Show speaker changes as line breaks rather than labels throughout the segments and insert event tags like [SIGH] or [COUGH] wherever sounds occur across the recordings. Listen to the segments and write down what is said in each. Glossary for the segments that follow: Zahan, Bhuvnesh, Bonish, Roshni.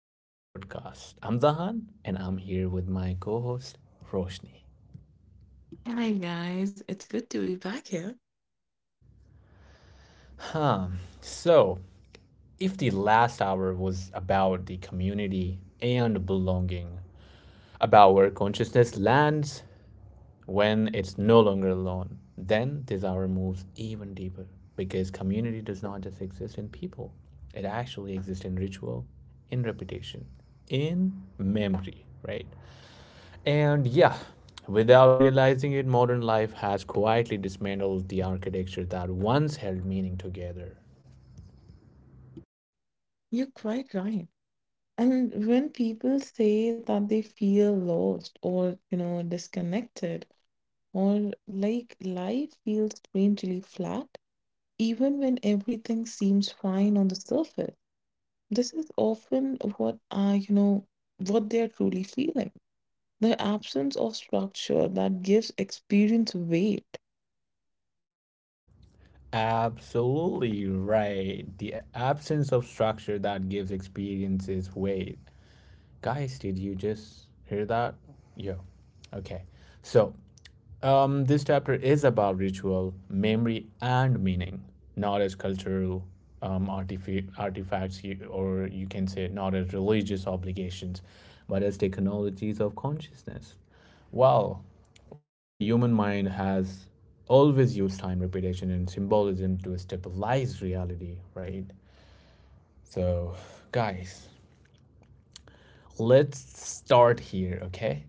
back to the podcast. I'm Zahan, and I'm here with my co host, Roshni.
Hi guys, it's good to be back here.
Huh. So, if the last hour was about the community and belonging, about where consciousness lands when it's no longer alone, then this hour moves even deeper because community does not just exist in people, it actually exists in ritual, in repetition, in memory, right? And yeah, without realizing it, modern life has quietly dismantled the architecture that once held meaning together.
You're quite right. And when people say that they feel lost or, disconnected or like life feels strangely flat, even when everything seems fine on the surface, this is often what are, what they're truly feeling. The absence of structure that gives experience weight.
Absolutely right. The absence of structure that gives experiences weight. Guys, did you just hear that? Yo. Okay. So, this chapter is about ritual, memory, and meaning, not as cultural artifacts, you, or you can say not as religious obligations, but as technologies of consciousness. Well, ways the human mind has always used time, repetition, and symbolism to stabilize reality, right? So, guys, let's start here, okay?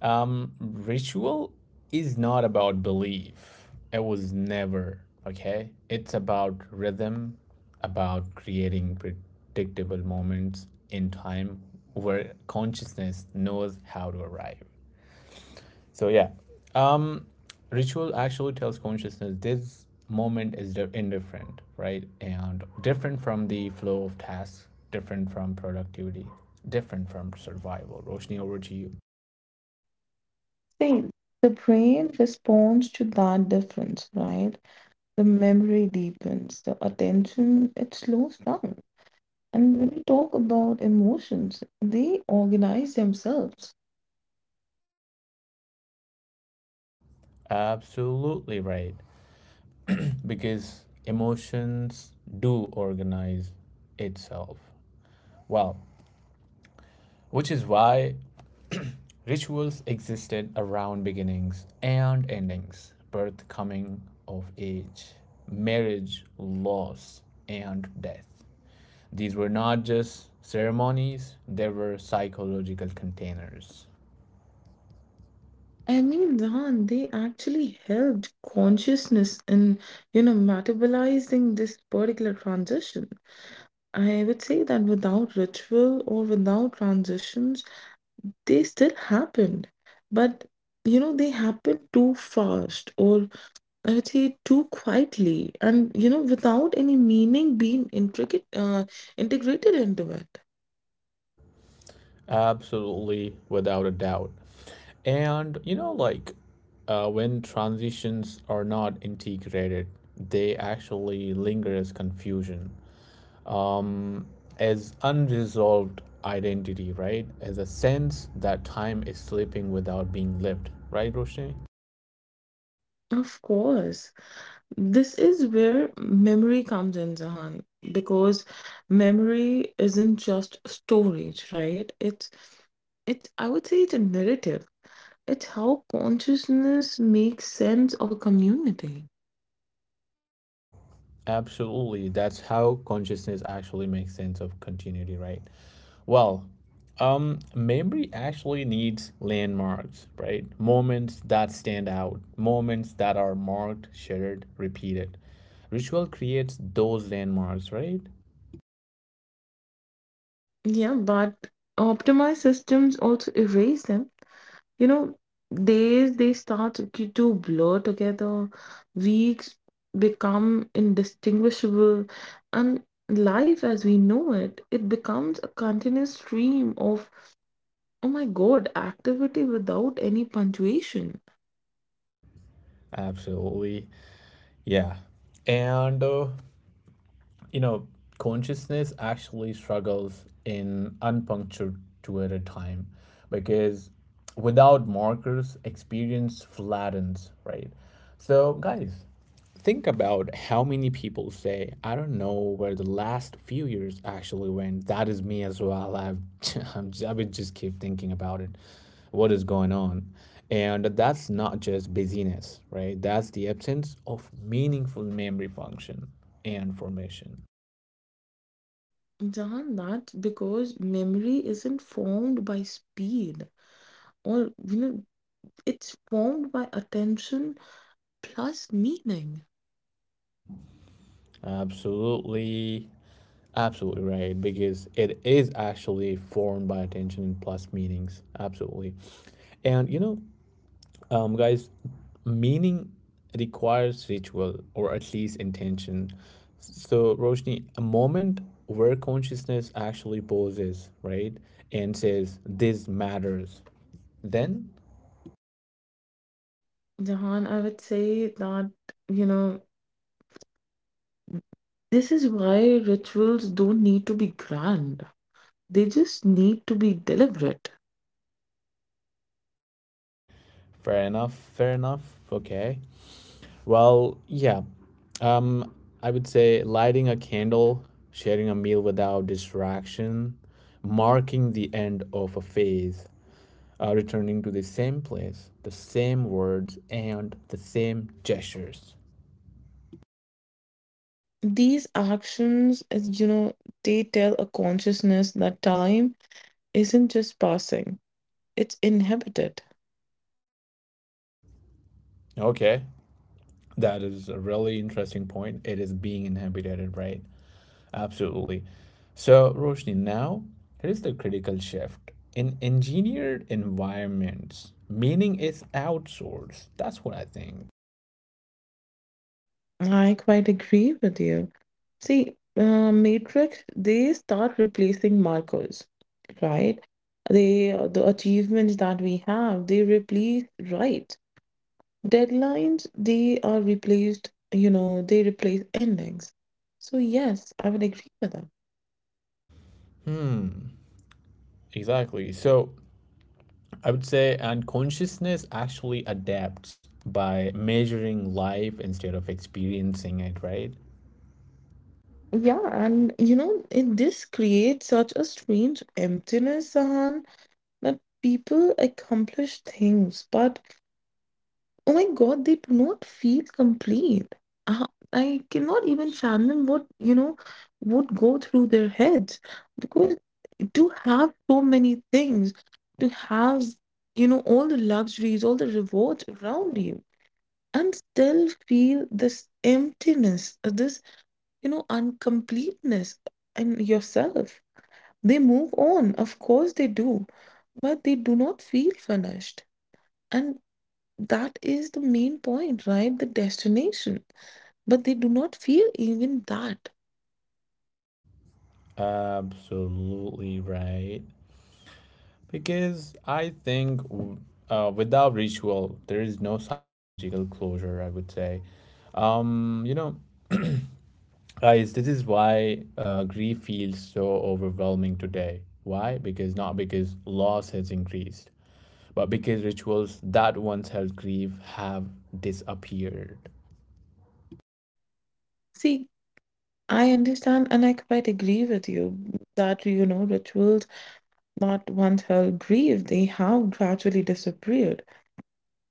Ritual is not about belief. It was never, okay? It's about rhythm, about creating predictable moments in time where consciousness knows how to arrive. So, yeah. Um, Ritual actually tells consciousness this moment is indifferent, right? And different from the flow of tasks, different from productivity, different from survival. Roshni, over to you.
Same. The brain responds to that difference, right? The memory deepens, the attention it slows down. And when we talk about emotions, they organize themselves.
Absolutely right. Because emotions do organize itself well, which is why rituals existed around beginnings and endings, birth, coming of age, marriage, loss, and death. These were not just ceremonies, they were psychological containers.
I mean, Ran, they actually helped consciousness in, metabolizing this particular transition. I would say that without ritual or without transitions, they still happened. But, they happened too fast or I would say too quietly and without any meaning being intricate integrated into it.
Absolutely, without a doubt. And when transitions are not integrated, they actually linger as confusion, um, as unresolved identity, right? As a sense that time is slipping without being lived, right, Roshni?
Of course, this is where memory comes in, Zahan, because memory isn't just storage, right? It's it I would say it's a narrative. It's how consciousness makes sense of a community.
Absolutely. That's how consciousness actually makes sense of continuity, right? Well, memory actually needs landmarks, right? Moments that stand out, moments that are marked, shared, repeated. Ritual creates those landmarks, right?
Yeah, but optimized systems also erase them. You know, days they start to blur together, weeks become indistinguishable, and life as we know it, it becomes a continuous stream of, oh my God, activity without any punctuation.
Absolutely. Yeah. And you know, consciousness actually struggles in unpunctuated time because without markers, experience flattens, right? So, guys, think about how many people say, I don't know where the last few years actually went. That is me as well. [LAUGHS] I would just keep thinking about it. What is going on? And that's not just busyness, right? That's the absence of meaningful memory function and formation.
Jahan, that's because memory isn't formed by speed, or it's formed by attention plus meaning.
Absolutely, absolutely right, because it is actually formed by attention plus meanings. Absolutely. And guys, meaning requires ritual or at least intention. So, Roshni, a moment where consciousness actually pauses, right, and says, This matters. Then,
Jahan, I would say that, you know. This is why rituals don't need to be grand. They just need to be deliberate.
fair enough, okay. Well, yeah. Um, I would say lighting a candle, sharing a meal without distraction, marking the end of a phase, returning to the same place, the same words, and the same gestures.
These actions, as you know, they tell a consciousness that time isn't just passing, it's inhabited.
Okay, that is a really interesting point. It is being inhibited, right? Absolutely. So, Roshni, now here's the critical shift. In engineered environments, meaning is outsourced. That's what I think.
I quite agree with you. See, Matrix, they start replacing markers, right? They, the achievements that we have, they replace rights. Deadlines, they are replaced, they replace endings. So, yes, I would agree with that.
Hmm, exactly. So I would say, and consciousness actually adapts by measuring life instead of experiencing it, right?
Yeah, and this creates such a strange emptiness, Sahan, that people accomplish things, but oh my God, they do not feel complete. Uh, I cannot even fathom what, would go through their heads because to have so many things, to have, all the luxuries, all the rewards around you and still feel this emptiness, this, uncompleteness in yourself. They move on, of course they do, but they do not feel finished. And that is the main point, right? The destination. But they do not feel even that.
Absolutely right. Because I think without ritual, there is no psychological closure, I would say. Um, you know, guys, this is why grief feels so overwhelming today. Why? Because not because loss has increased, but because rituals that once held grief have disappeared.
See, I understand and I quite agree with you that, rituals that once held grief, they have gradually disappeared.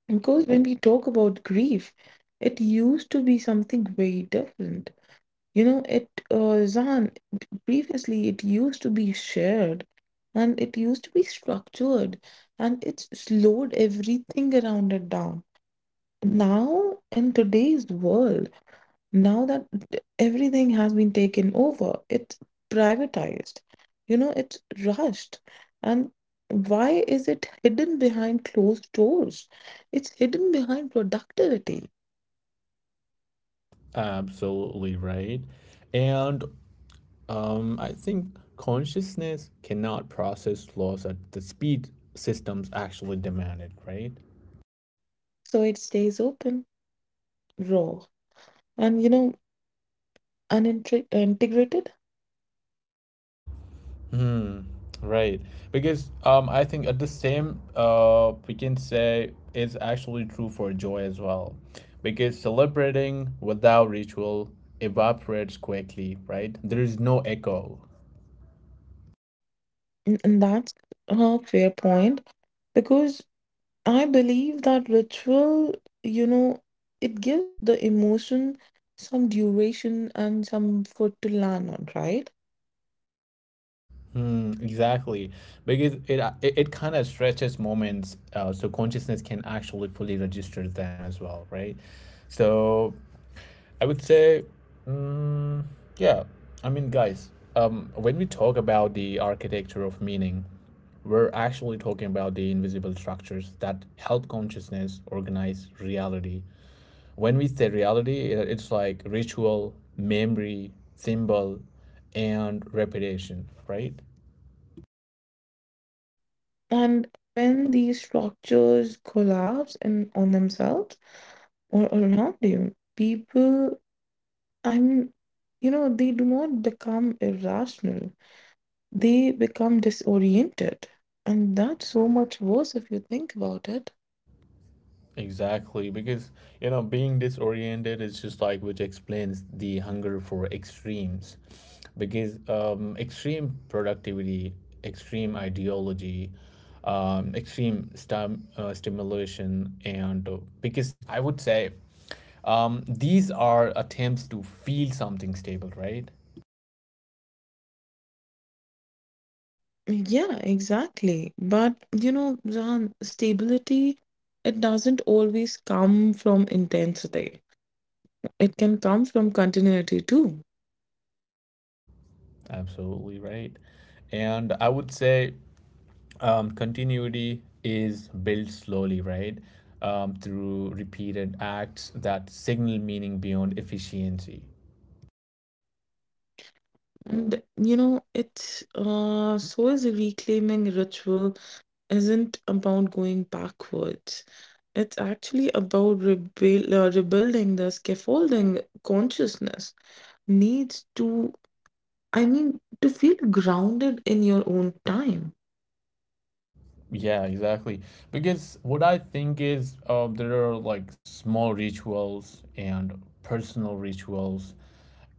Because when we talk about grief, it used to be something very different. Zan, previously it used to be shared and it used to be structured and it slowed everything around it down. Now, in today's world, now that everything has been taken over, it's privatized, it's rushed. And why is it hidden behind closed doors? It's hidden behind productivity.
Absolutely right. And I think consciousness cannot process loss at the speed systems actually demand it, right?
So it stays open, raw, and, unintegrated.
Hmm. Right. Because I think at the same, we can say it's actually true for joy as well. Because celebrating without ritual evaporates quickly, right? There is no echo.
And that's a fair point because I believe that ritual, you know, it gives the emotion some duration and some food to land on, right?
Mm, exactly, because it kind of stretches moments, so consciousness can actually fully register them as well, right? So I would say, mm, yeah, I mean, guys, when we talk about the architecture of meaning, we're actually talking about the invisible structures that help consciousness organize reality. When we say reality, it's like ritual, memory, symbol, and repetition, right?
And when these structures collapse in on themselves or around you, people, I mean, they do not become irrational. They become disoriented. And that's so much worse if you think about it.
Exactly, because being disoriented is just like which explains the hunger for extremes. Because extreme productivity, extreme ideology, extreme stimulation, and because I would say these are attempts to feel something stable, right?
Yeah, exactly. But you know, Zan, stability, it doesn't always come from intensity. It can come from continuity too.
Absolutely right. And I would say continuity is built slowly, right? Through repeated acts that signal meaning beyond efficiency.
And you know, it's so is reclaiming ritual isn't about going backwards. It's actually about rebuilding the scaffolding consciousness needs to, I mean, to feel grounded in your own time.
Yeah, exactly. Because what I think is there are like small rituals and personal rituals,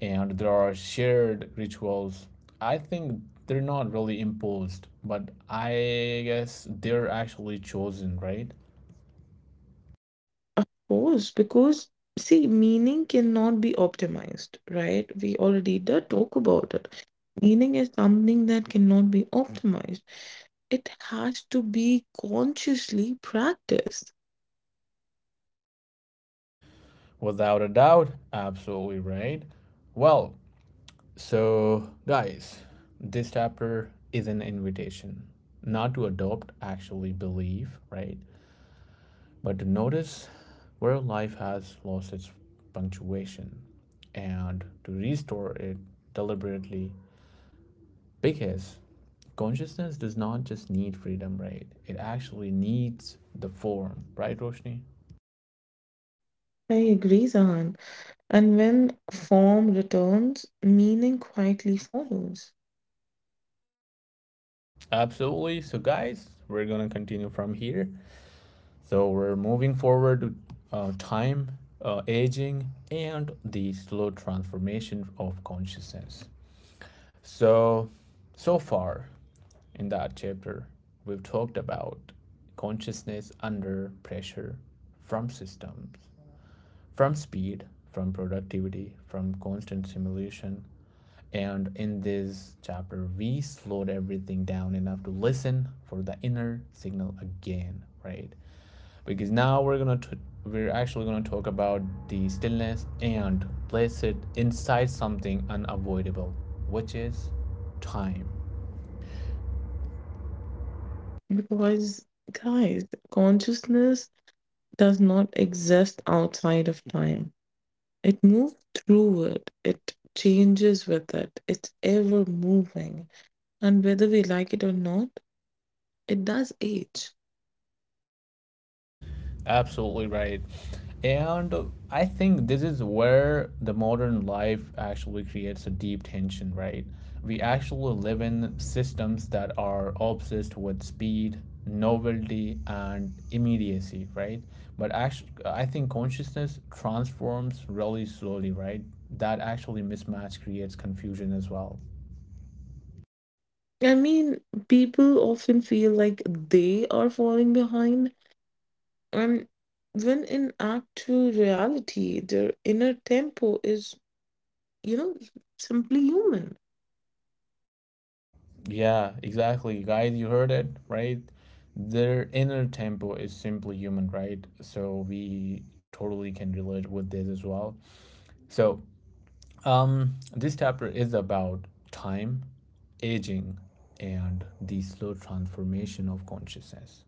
and there are shared rituals. I think they're not really imposed, but I guess they're actually chosen, right?
Course, because see, meaning cannot be optimized, right? We already did talk about it. Meaning is something that cannot be optimized. It has to be consciously practiced.
Without a doubt, absolutely right. Well, so, guys, this chapter is an invitation not to adopt, actually believe, right? But to notice where life has lost its punctuation and to restore it deliberately because consciousness does not just need freedom, right? It actually needs the form, right, Roshni?
I agree, Zahan. And when form returns, meaning quietly follows.
Absolutely. So, guys, we're going to continue from here. So we're moving forward to time, aging, and the slow transformation of consciousness. So, so far in that chapter, we've talked about consciousness under pressure from systems, from speed, from productivity, from constant simulation. And in this chapter, we slowed everything down enough to listen for the inner signal again, right? Because now we're actually gonna talk about the stillness and place it inside something unavoidable, which is time.
Because, guys, consciousness does not exist outside of time. It moves through it, it changes with it, it's ever moving. And whether we like it or not, it does age.
Absolutely right. And I think this is where the modern life actually creates a deep tension, right? We actually live in systems that are obsessed with speed, novelty, and immediacy, right? But actually, I think consciousness transforms really slowly, right? That actually mismatch creates confusion as well.
I mean, people often feel like they are falling behind, and when in actual reality, their inner tempo is, you know, simply human.
Yeah, exactly. Guys, you heard it, right? Their inner tempo is simply human, right? So we totally can relate with this as well. So, this chapter is about time, aging, and the slow transformation of consciousness.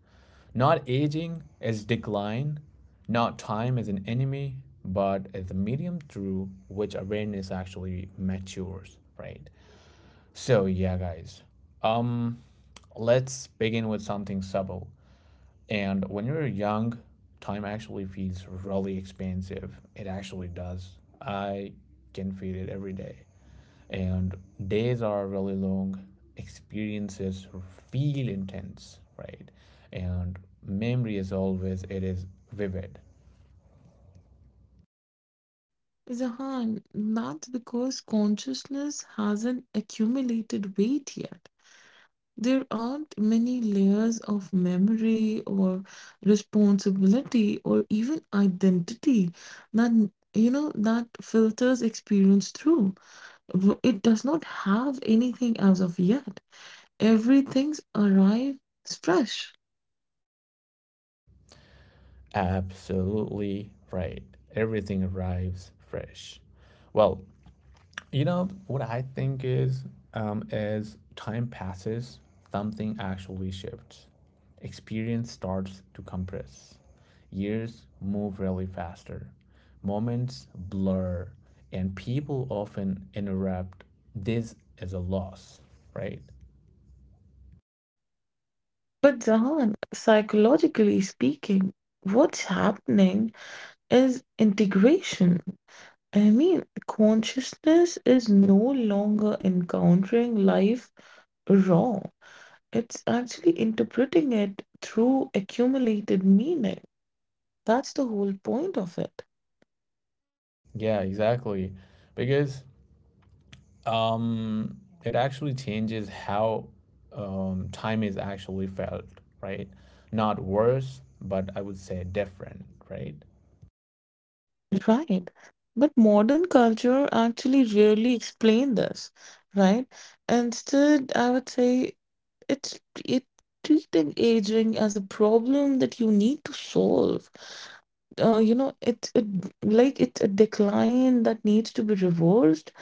Not aging as decline, not time as an enemy, but as a medium through which awareness actually matures, right? So, yeah, guys. Um, Let's begin with something subtle. And when you're young, time actually feels really expensive. It actually does. I can feel it every day. And days are really long, experiences feel intense, right? And memory is always, it is vivid.
Is a hand. That's because consciousness hasn't accumulated weight yet. There aren't many layers of memory or responsibility or even identity that that filters experience through. It does not have anything as of yet. Everything's arrives fresh.
Absolutely right. Everything arrives fresh. Well, you know, what I think is, as time passes, something actually shifts. Experience starts to compress. Years move really faster. Moments blur. And people often interrupt this as a loss, right?
But Zahan, psychologically speaking, what's happening is integration. I mean, consciousness is no longer encountering life raw. It's actually interpreting it through accumulated meaning. That's the whole point of it.
Yeah, exactly. Because um, it actually changes how time is actually felt, right? Not worse, but I would say different, right?
Right. But modern culture actually rarely explain this, right? Instead, I would say it's it treating aging as a problem that you need to solve. Uh, you know, it it, like it's a decline that needs to be reversed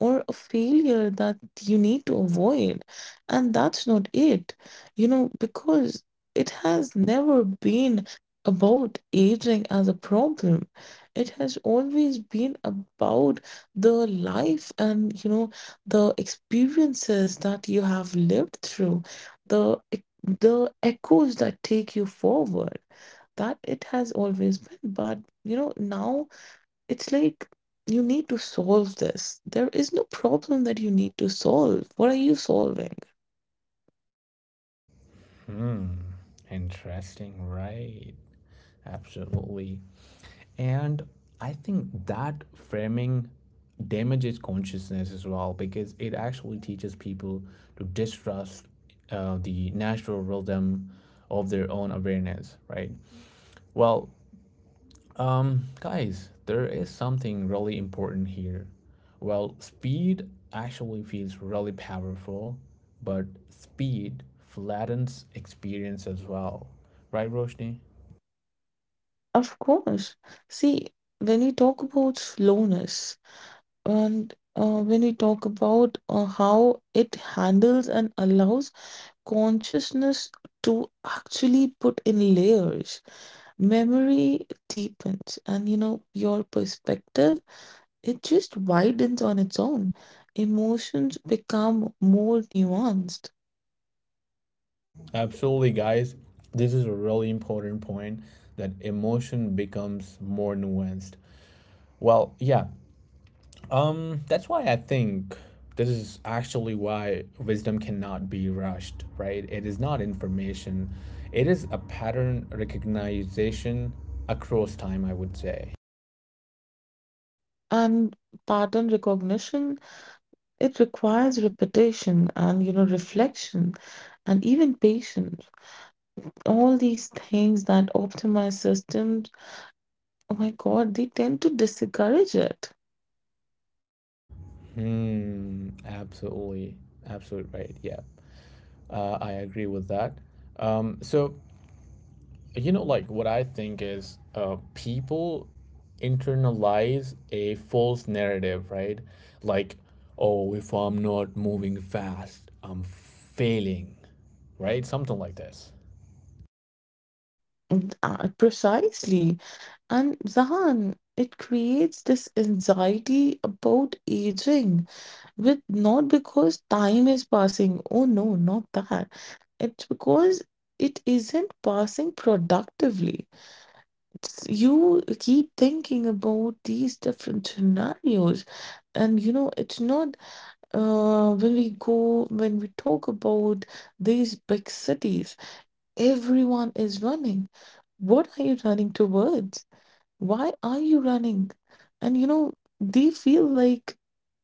or a failure that you need to avoid. And that's not it, because it has never been about aging as a problem. It has always been about the life and, the experiences that you have lived through, the echoes that take you forward that it has always been but now it's like you need to solve this. There is no problem that you need to solve. What are you solving?
Hmm, interesting, right? Absolutely. And I think that framing damages consciousness as well because it actually teaches people to distrust the natural rhythm of their own awareness, right? Well, guys, there is something really important here. Well, speed actually feels really powerful, but speed flattens experience as well. Right, Roshni?
Of course. See, when we talk about slowness and when we talk about how it handles and allows consciousness to actually put in layers, memory deepens, and your perspective it just widens on its own. Emotions become more nuanced.
Absolutely, guys. This is a really important point that emotion becomes more nuanced. Well, yeah, that's why I think this is actually why wisdom cannot be rushed, right? It is not information, it is a pattern recognition across time, I would say.
And pattern recognition, it requires repetition and, reflection and even patience. All these things that optimize systems, oh my God, they tend to discourage it.
Hmm, absolutely. Absolutely right. Yeah. I agree with that. So what I think is people internalize a false narrative, right? Like, oh, if I'm not moving fast, I'm failing, right? Something like this.
Precisely. And Zahan, it creates this anxiety about aging with not because time is passing. Oh no, not that. It's because it isn't passing productively. You keep thinking about these different scenarios and it's not when we go when we talk about these big cities, everyone is running. What are you running towards? Why are you running? And they feel like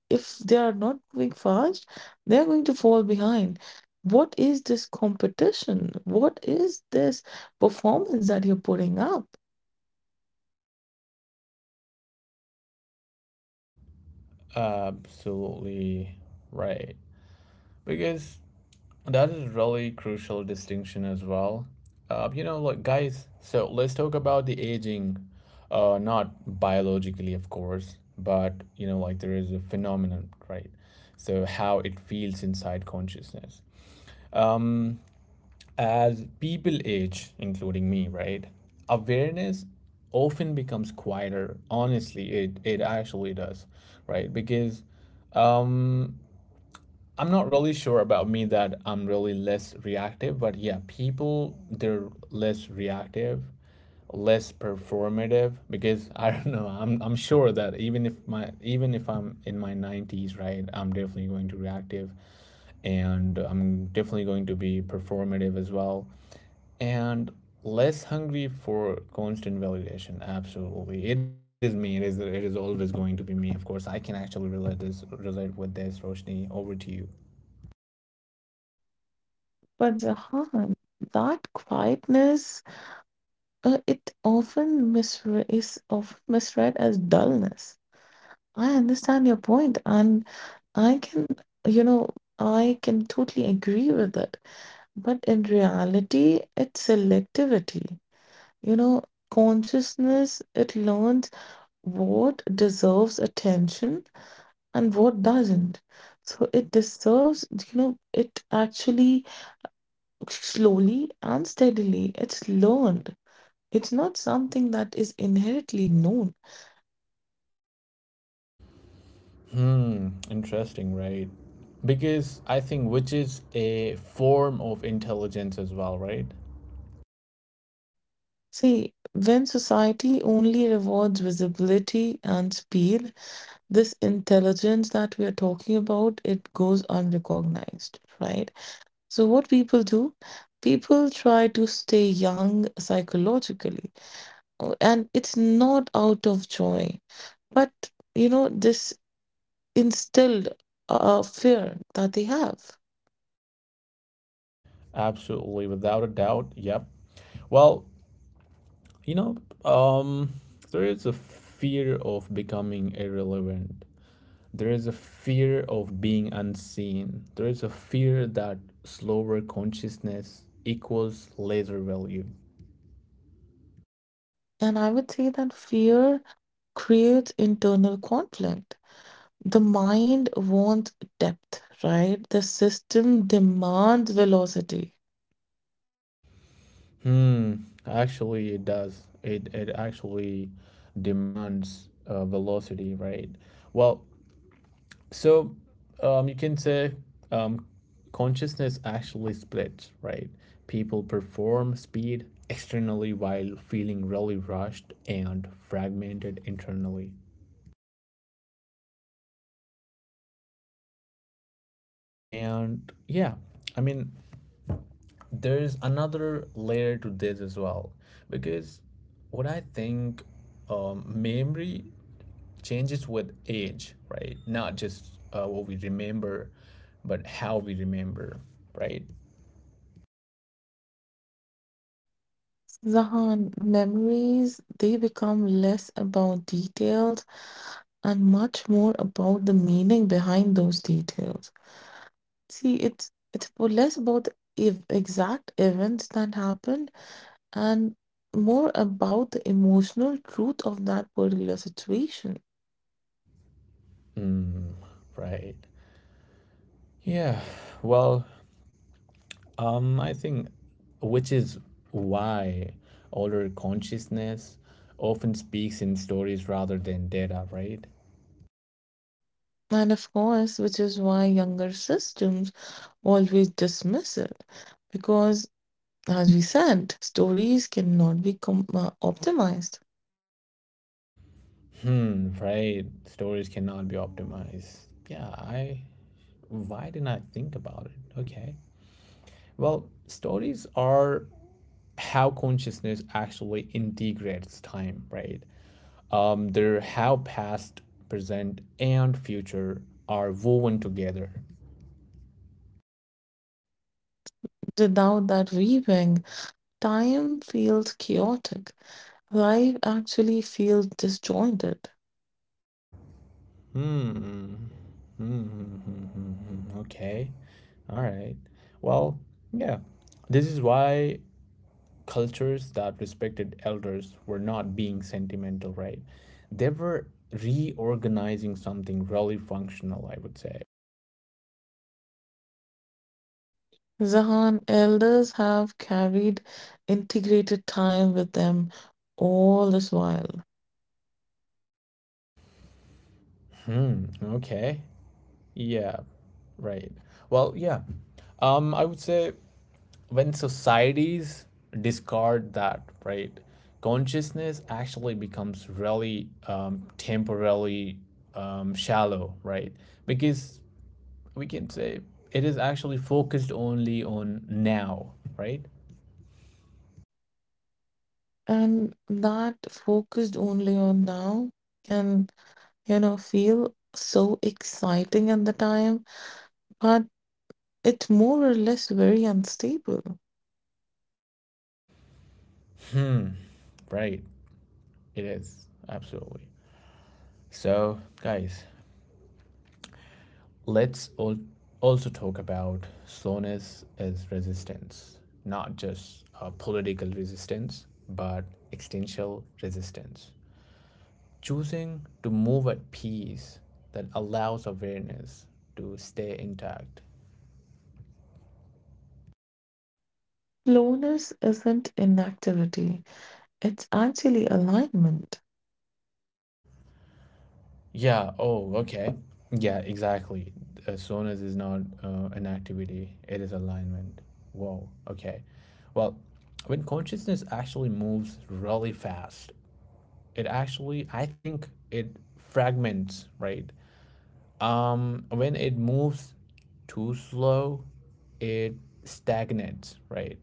if they are not moving fast they are going to fall behind. What is this competition? What is this performance that you're putting up?
Absolutely right, because that is really crucial distinction as well. Guys, so let's talk about the aging, not biologically, of course, but you know, like there is a phenomenon, right? So how it feels inside consciousness. As people age, including me, right? Awareness often becomes quieter. Honestly, it actually does, right? Because um I'm not really sure about me that I'm really less reactive, but yeah, people they're less reactive, less performative because [LAUGHS] I don't know. I'm sure that even if I'm in my 90s, right, I'm definitely going to reactive and I'm definitely going to be performative as well, and less hungry for constant validation. Absolutely, it is me. It is always going to be me. Of course, I can actually relate with this. Roshni, over to you.
But Jahan, that quietness, is often misread as dullness. I understand your point, and I can, you know, I can totally agree with it. But in reality, it's selectivity. You know, consciousness, it learns what deserves attention and what doesn't. So it deserves, it actually slowly and steadily, it's learned. It's not something that is inherently known.
Hmm, interesting, right? Because I think which is a form of intelligence as well, right?
See, when society only rewards visibility and speed, this intelligence that we are talking about, it goes unrecognized, right? So what people do, people try to stay young psychologically, and it's not out of joy, but this instilled a fear that they have.
Absolutely, without a doubt. Yep. Well, you know, um, there is a fear of becoming irrelevant. There is a fear of being unseen. There is a fear that slower consciousness equals lesser value.
And I would say that fear creates internal conflict. The mind wants depth, right? The system demands velocity.
Hmm. Actually, it does. It actually demands velocity, right? Well, so you can say um, consciousness actually splits, right? People perform speed externally while feeling really rushed and fragmented internally. And yeah, I mean, there's another layer to this as well, because what I think memory changes with age, right? Not just what we remember, but how we remember, right?
Zahan, memories, they become less about details and much more about the meaning behind those details. See, it's for less about the ev exact events that happened and more about the emotional truth of that particular situation.
Right. Yeah. Well, I think which is why older consciousness often speaks in stories rather than data, right?
And of course, which is why younger systems always dismiss it. Because, as we said, stories cannot be optimized.
Hmm. Right. Stories cannot be optimized. Yeah. I. Why didn't I think about it? Okay. Well, stories are how consciousness actually integrates time, right? There, how past, present, and future are woven together.
Without that weaving, time feels chaotic. Life actually feels disjointed.
Hmm. Mm-hmm. Okay. All right. Well, yeah. This is why cultures that respected elders were not being sentimental, right? They were reorganizing something really functional, I would say.
Zahan elders have carried integrated time with them all this while.
Hmm. Okay. Yeah, right. Well, yeah. I would say when societies discard that, right, consciousness actually becomes really temporarily shallow, right? Because we can say it is actually focused only on now, right?
And that focused only on now can, feel so exciting at the time, but it's more or less very unstable.
Right. It is. Absolutely. So, guys, Let's al- also talk about slowness as resistance, not just political resistance, but existential resistance. Choosing to move at peace that allows awareness to stay intact.
Slowness isn't inactivity, it's actually alignment.
Yeah, oh, okay. Yeah, exactly. Slowness is not an activity, it is alignment. Whoa, okay. Well, when consciousness actually moves really fast, it actually I think it fragments, right? When it moves too slow, it stagnates, right?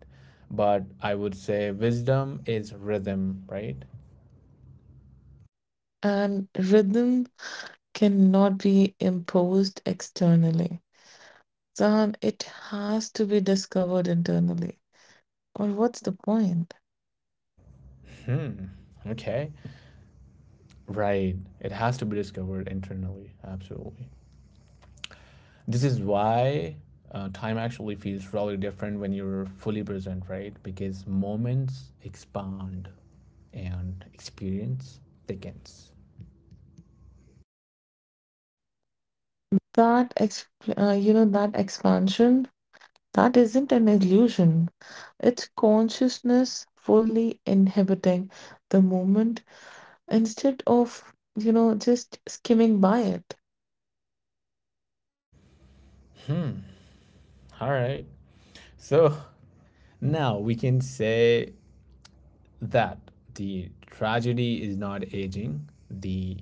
But I would say wisdom is rhythm, right?
And rhythm cannot be imposed externally. Zan, it has to be discovered internally. Or what's the point?
Hmm, okay. Right, it has to be discovered internally, absolutely. This is why time actually feels really different when you're fully present, right? Because moments expand and experience thickens.
That exp- that expansion That isn't an illusion. It's consciousness fully inhabiting the moment instead of, just skimming by it.
All right. So now we can say that the tragedy is not aging. The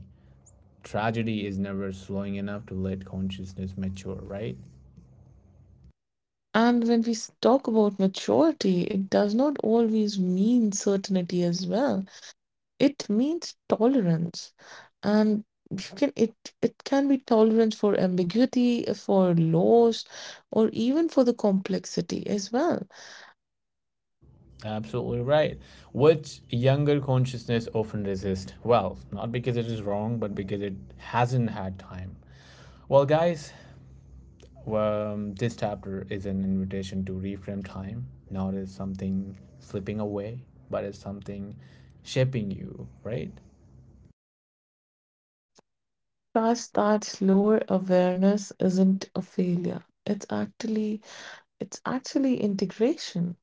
tragedy is never slowing enough to let consciousness mature, right?
And when talk about maturity, it does not always mean certainty as well. It means tolerance. And you can it it can be tolerance for ambiguity, for loss, or even for the complexity as well.
Absolutely right. Which younger consciousness often resists. Well, not because it is wrong, but because it hasn't had time. Well, guys, this chapter is an invitation to reframe time, not as something slipping away, but as something shaping you, right?
Trust that lower awareness isn't a failure. It's actually integration.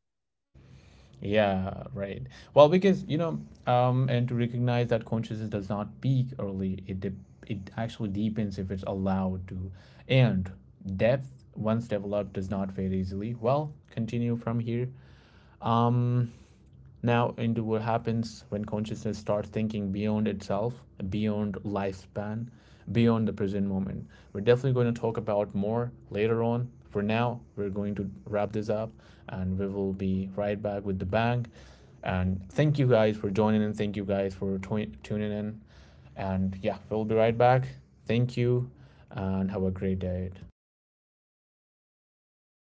Yeah, right. Well, because you know, and to recognize that consciousness does not peak early, it actually deepens if it's allowed to. And depth, once developed, does not fade easily. Well, continue from here. Um, Now into what happens when consciousness starts thinking beyond itself, beyond lifespan, beyond the present moment. We're definitely going to talk about more later on. For now, we're going to wrap this up and we will be right back with the bang. And thank you guys for joining in. Thank you guys for tuning in. And yeah, we'll be right back. Thank you and have a great day.